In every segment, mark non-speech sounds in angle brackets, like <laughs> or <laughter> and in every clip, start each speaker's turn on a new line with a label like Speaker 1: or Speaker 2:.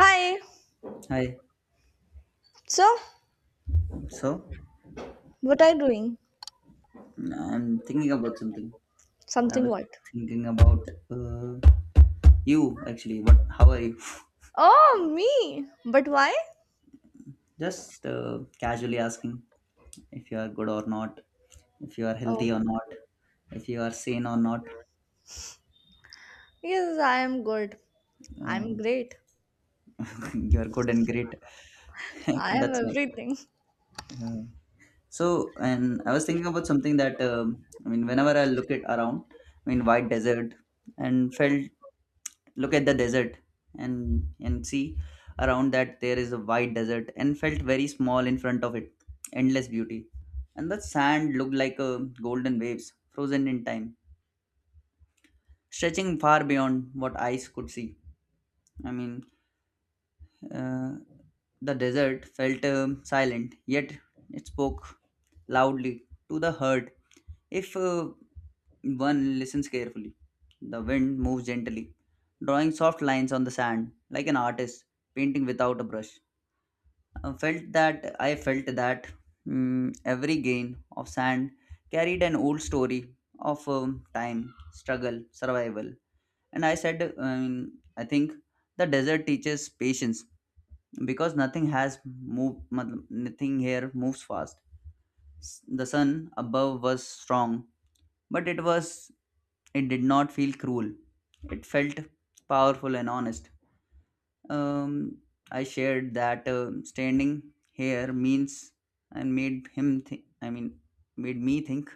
Speaker 1: Hi.
Speaker 2: Hi.
Speaker 1: So,
Speaker 2: So,
Speaker 1: what are you doing?
Speaker 2: I'm thinking about something. I
Speaker 1: Something
Speaker 2: was
Speaker 1: what?
Speaker 2: thinking about you actually. What? How are you?
Speaker 1: Oh, me. But why?
Speaker 2: Just casually asking if you are good or not, if you are
Speaker 1: Oh,
Speaker 2: healthy or not, if you are sane or not.
Speaker 1: yes, I am good. I'm
Speaker 2: Uh,
Speaker 1: great.
Speaker 2: <laughs> you are good and great. <laughs>
Speaker 1: I am
Speaker 2: That's nice.
Speaker 1: everything.
Speaker 2: Uh, so, and I was thinking about something that I mean, whenever I look at around, I mean, white desert, and felt look at the desert and and see around that there is a wide desert and felt very small in front of it, endless beauty, and the sand looked like a golden waves frozen in time, stretching far beyond what eyes could see. I mean, Uh, the desert felt silent, yet it spoke loudly to the herd. If one listens carefully, the wind moves gently, drawing soft lines on the sand, like an artist painting without a brush. I felt that every grain of sand carried an old story of time, struggle, survival. And I said, I think the desert teaches patience, because nothing has moved, matlab, nothing here moves fast. The sun above was strong, but it did not feel cruel. It felt powerful and honest. Um, I shared that standing here means, and made him, made me think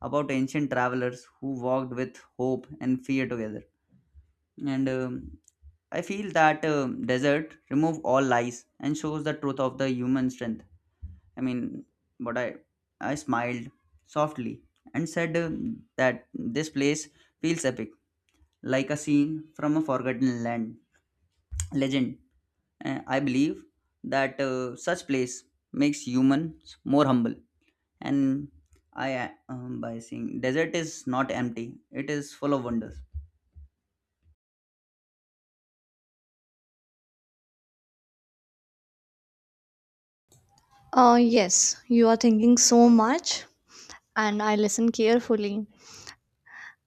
Speaker 2: about ancient travelers who walked with hope and fear together. And I feel that desert remove all lies and shows the truth of the human strength. I mean, but I smiled softly and said, that this place feels epic, like a scene from a forgotten land legend. I believe that such place makes humans more humble. And I, by saying desert is not empty, it is full of wonders.
Speaker 1: Yes, you are thinking so much, and I listen carefully.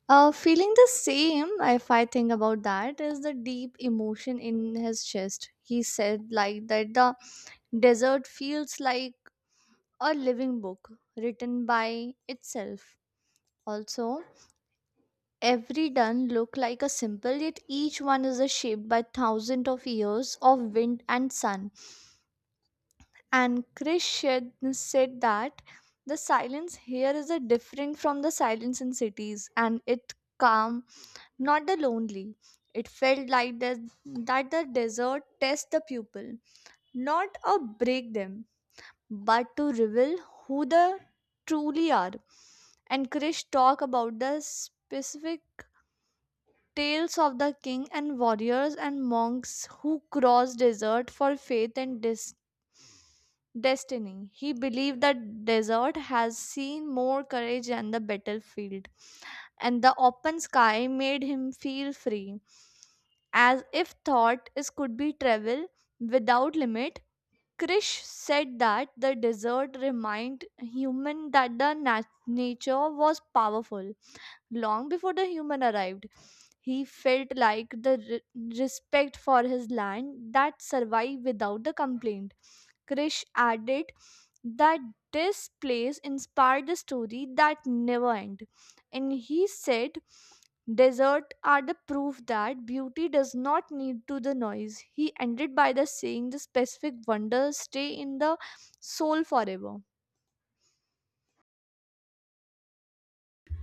Speaker 1: Feeling the same, if I think about that, is the deep emotion in his chest. He said, like, that the desert feels like a living book written by itself. Also, every dun look like a symbol, yet each one is shaped by thousands of years of wind and sun. And Krish said that the silence here is a different from the silence in cities, and it calm, not the lonely. It felt like that the desert tests the pupil, not a break them, but to reveal who the truly are. And Krish talk about the specific tales of the king and warriors and monks who crossed desert for faith and destiny. He believed that desert has seen more courage than the battlefield, and the open sky made him feel free. As if thought is could be travel without limit, Krish said that the desert remind human that the nature was powerful long before the human arrived. He felt like the respect for his land that survived without the complaint. Krish added that this place inspired the story that never end. And he said desert are the proof that beauty does not need to the noise. He ended by the saying the specific wonders stay in the soul forever.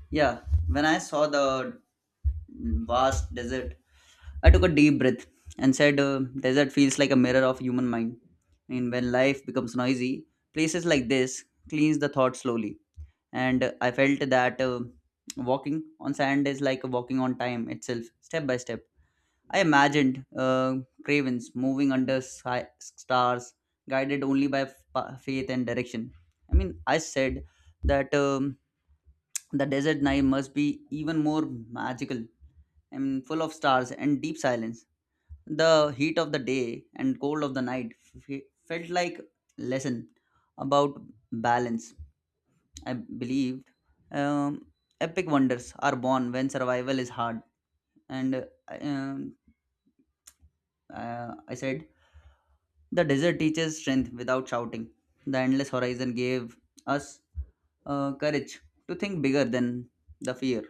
Speaker 2: Yeah, when I saw the vast desert, I took a deep breath and said, desert feels like a mirror of human mind. I mean, when life becomes noisy, places like this cleans the thought slowly. And I felt that walking on sand is like walking on time itself, step by step. I imagined cravens moving under stars, guided only by faith and direction. I mean, I said that the desert night must be even more magical, and full of stars and deep silence. The heat of the day and cold of the night f- felt like lesson about balance. I believed um, epic wonders are born when survival is hard. And I- um, I said, the desert teaches strength without shouting. The endless horizon gave us courage to think bigger than the fear.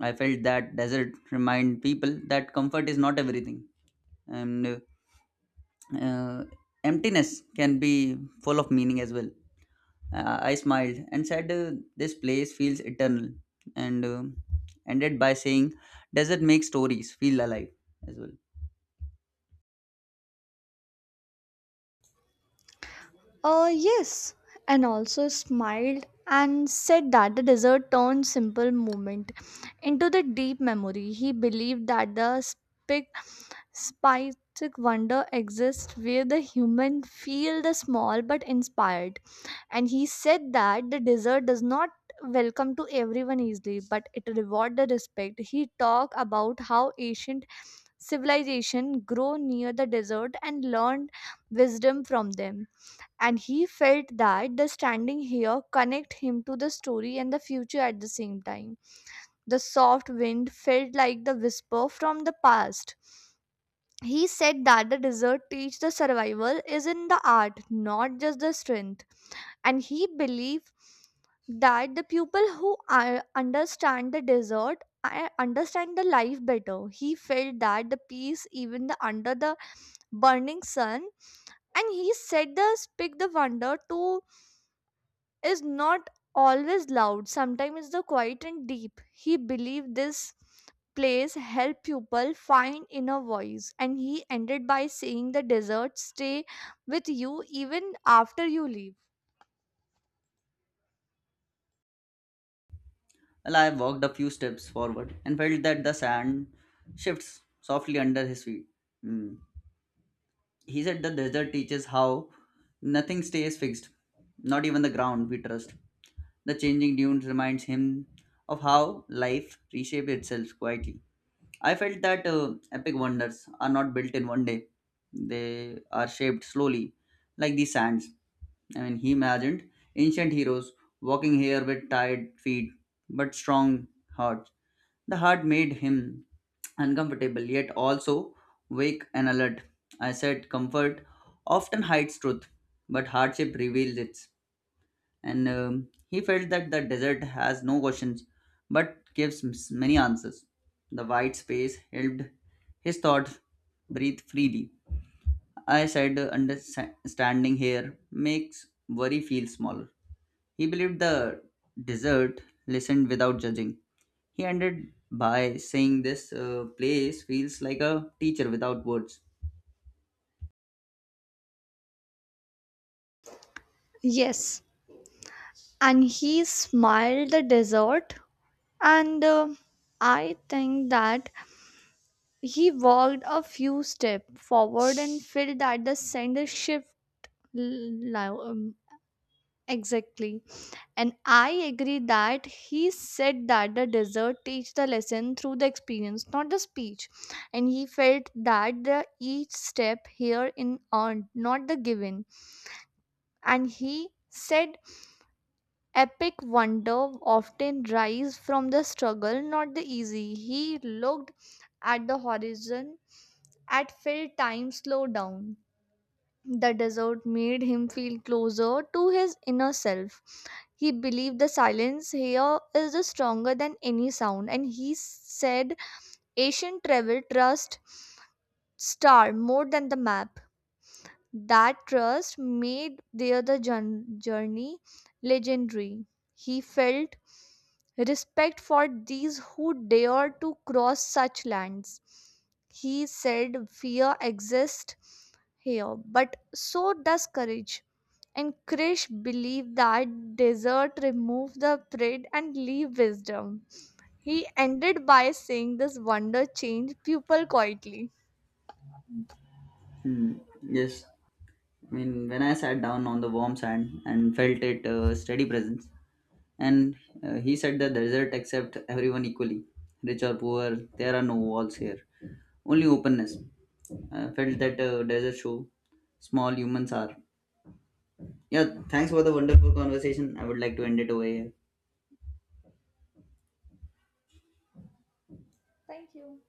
Speaker 2: I felt that desert remind people that comfort is not everything. And uh, emptiness can be full of meaning as well. I smiled and said, this place feels eternal, and ended by saying, does it make stories feel alive as well?
Speaker 1: Yes, and also smiled and said that the dessert turned simple moment into the deep memory. He believed that the spicy wonder exists where the human feel the small but inspired. And he said that the dessert does not welcome to everyone easily, but it reward the respect. He talked about how ancient civilization grow near the desert and learned wisdom from them, and he felt that the standing here connect him to the story and the future at the same time. The soft wind felt like the whisper from the past. He said that the desert teach the survival is in the art, not just the strength, and he believed that the people who are, understand the desert, I understand the life better. He felt that the peace even the under the burning sun, and he said the speak the wonder to is not always loud. Sometimes it's the quiet and deep. He believed this plays help people find inner voice, and he ended by saying the desert stay with you even after you leave.
Speaker 2: Well, I walked a few steps forward and felt that the sand shifts softly under his feet. Mm. He said, the desert teaches how nothing stays fixed, not even the ground we trust. The changing dunes reminds him of how life reshapes itself quietly. I felt that epic wonders are not built in one day. They are shaped slowly, like the sands. I mean, he imagined ancient heroes walking here with tired feet but strong hearts. The heart made him uncomfortable, yet also wake and alert. I said, comfort often hides truth, but hardship reveals it. And he felt that the desert has no questions, but gives many answers. The wide space helped his thoughts breathe freely. I said, understanding here makes worry feel smaller. He believed the desert listened without judging. He ended by saying, this place feels like a teacher without words.
Speaker 1: Yes, and he smiled the desert, and I think that he walked a few steps forward and felt that the sender shift l- lo- um, exactly. And I agree that he said that the desert teach the lesson through the experience, not the speech. And he felt that the each step here in earned, not the given. And he said epic wonder often rise from the struggle, not the easy. He looked at the horizon at felt time slow down. The desert made him feel closer to his inner self. He believed the silence here is the stronger than any sound, and he said, Asian travel trust star more than the map. That trust made the other journey legendary. He felt respect for these who dared to cross such lands. He said fear exists here, but so does courage. And Krish believed that desert removed the pride and leave wisdom. He ended by saying this wonder changed people quietly.
Speaker 2: Hmm. Yes, I mean, when I sat down on the warm sand and felt it steady presence, and he said the desert accept everyone equally, rich or poor. There are no walls here, only openness. I felt that desert show small humans are. Yeah, thanks for the wonderful conversation. I would like to end it over here.
Speaker 1: Thank you.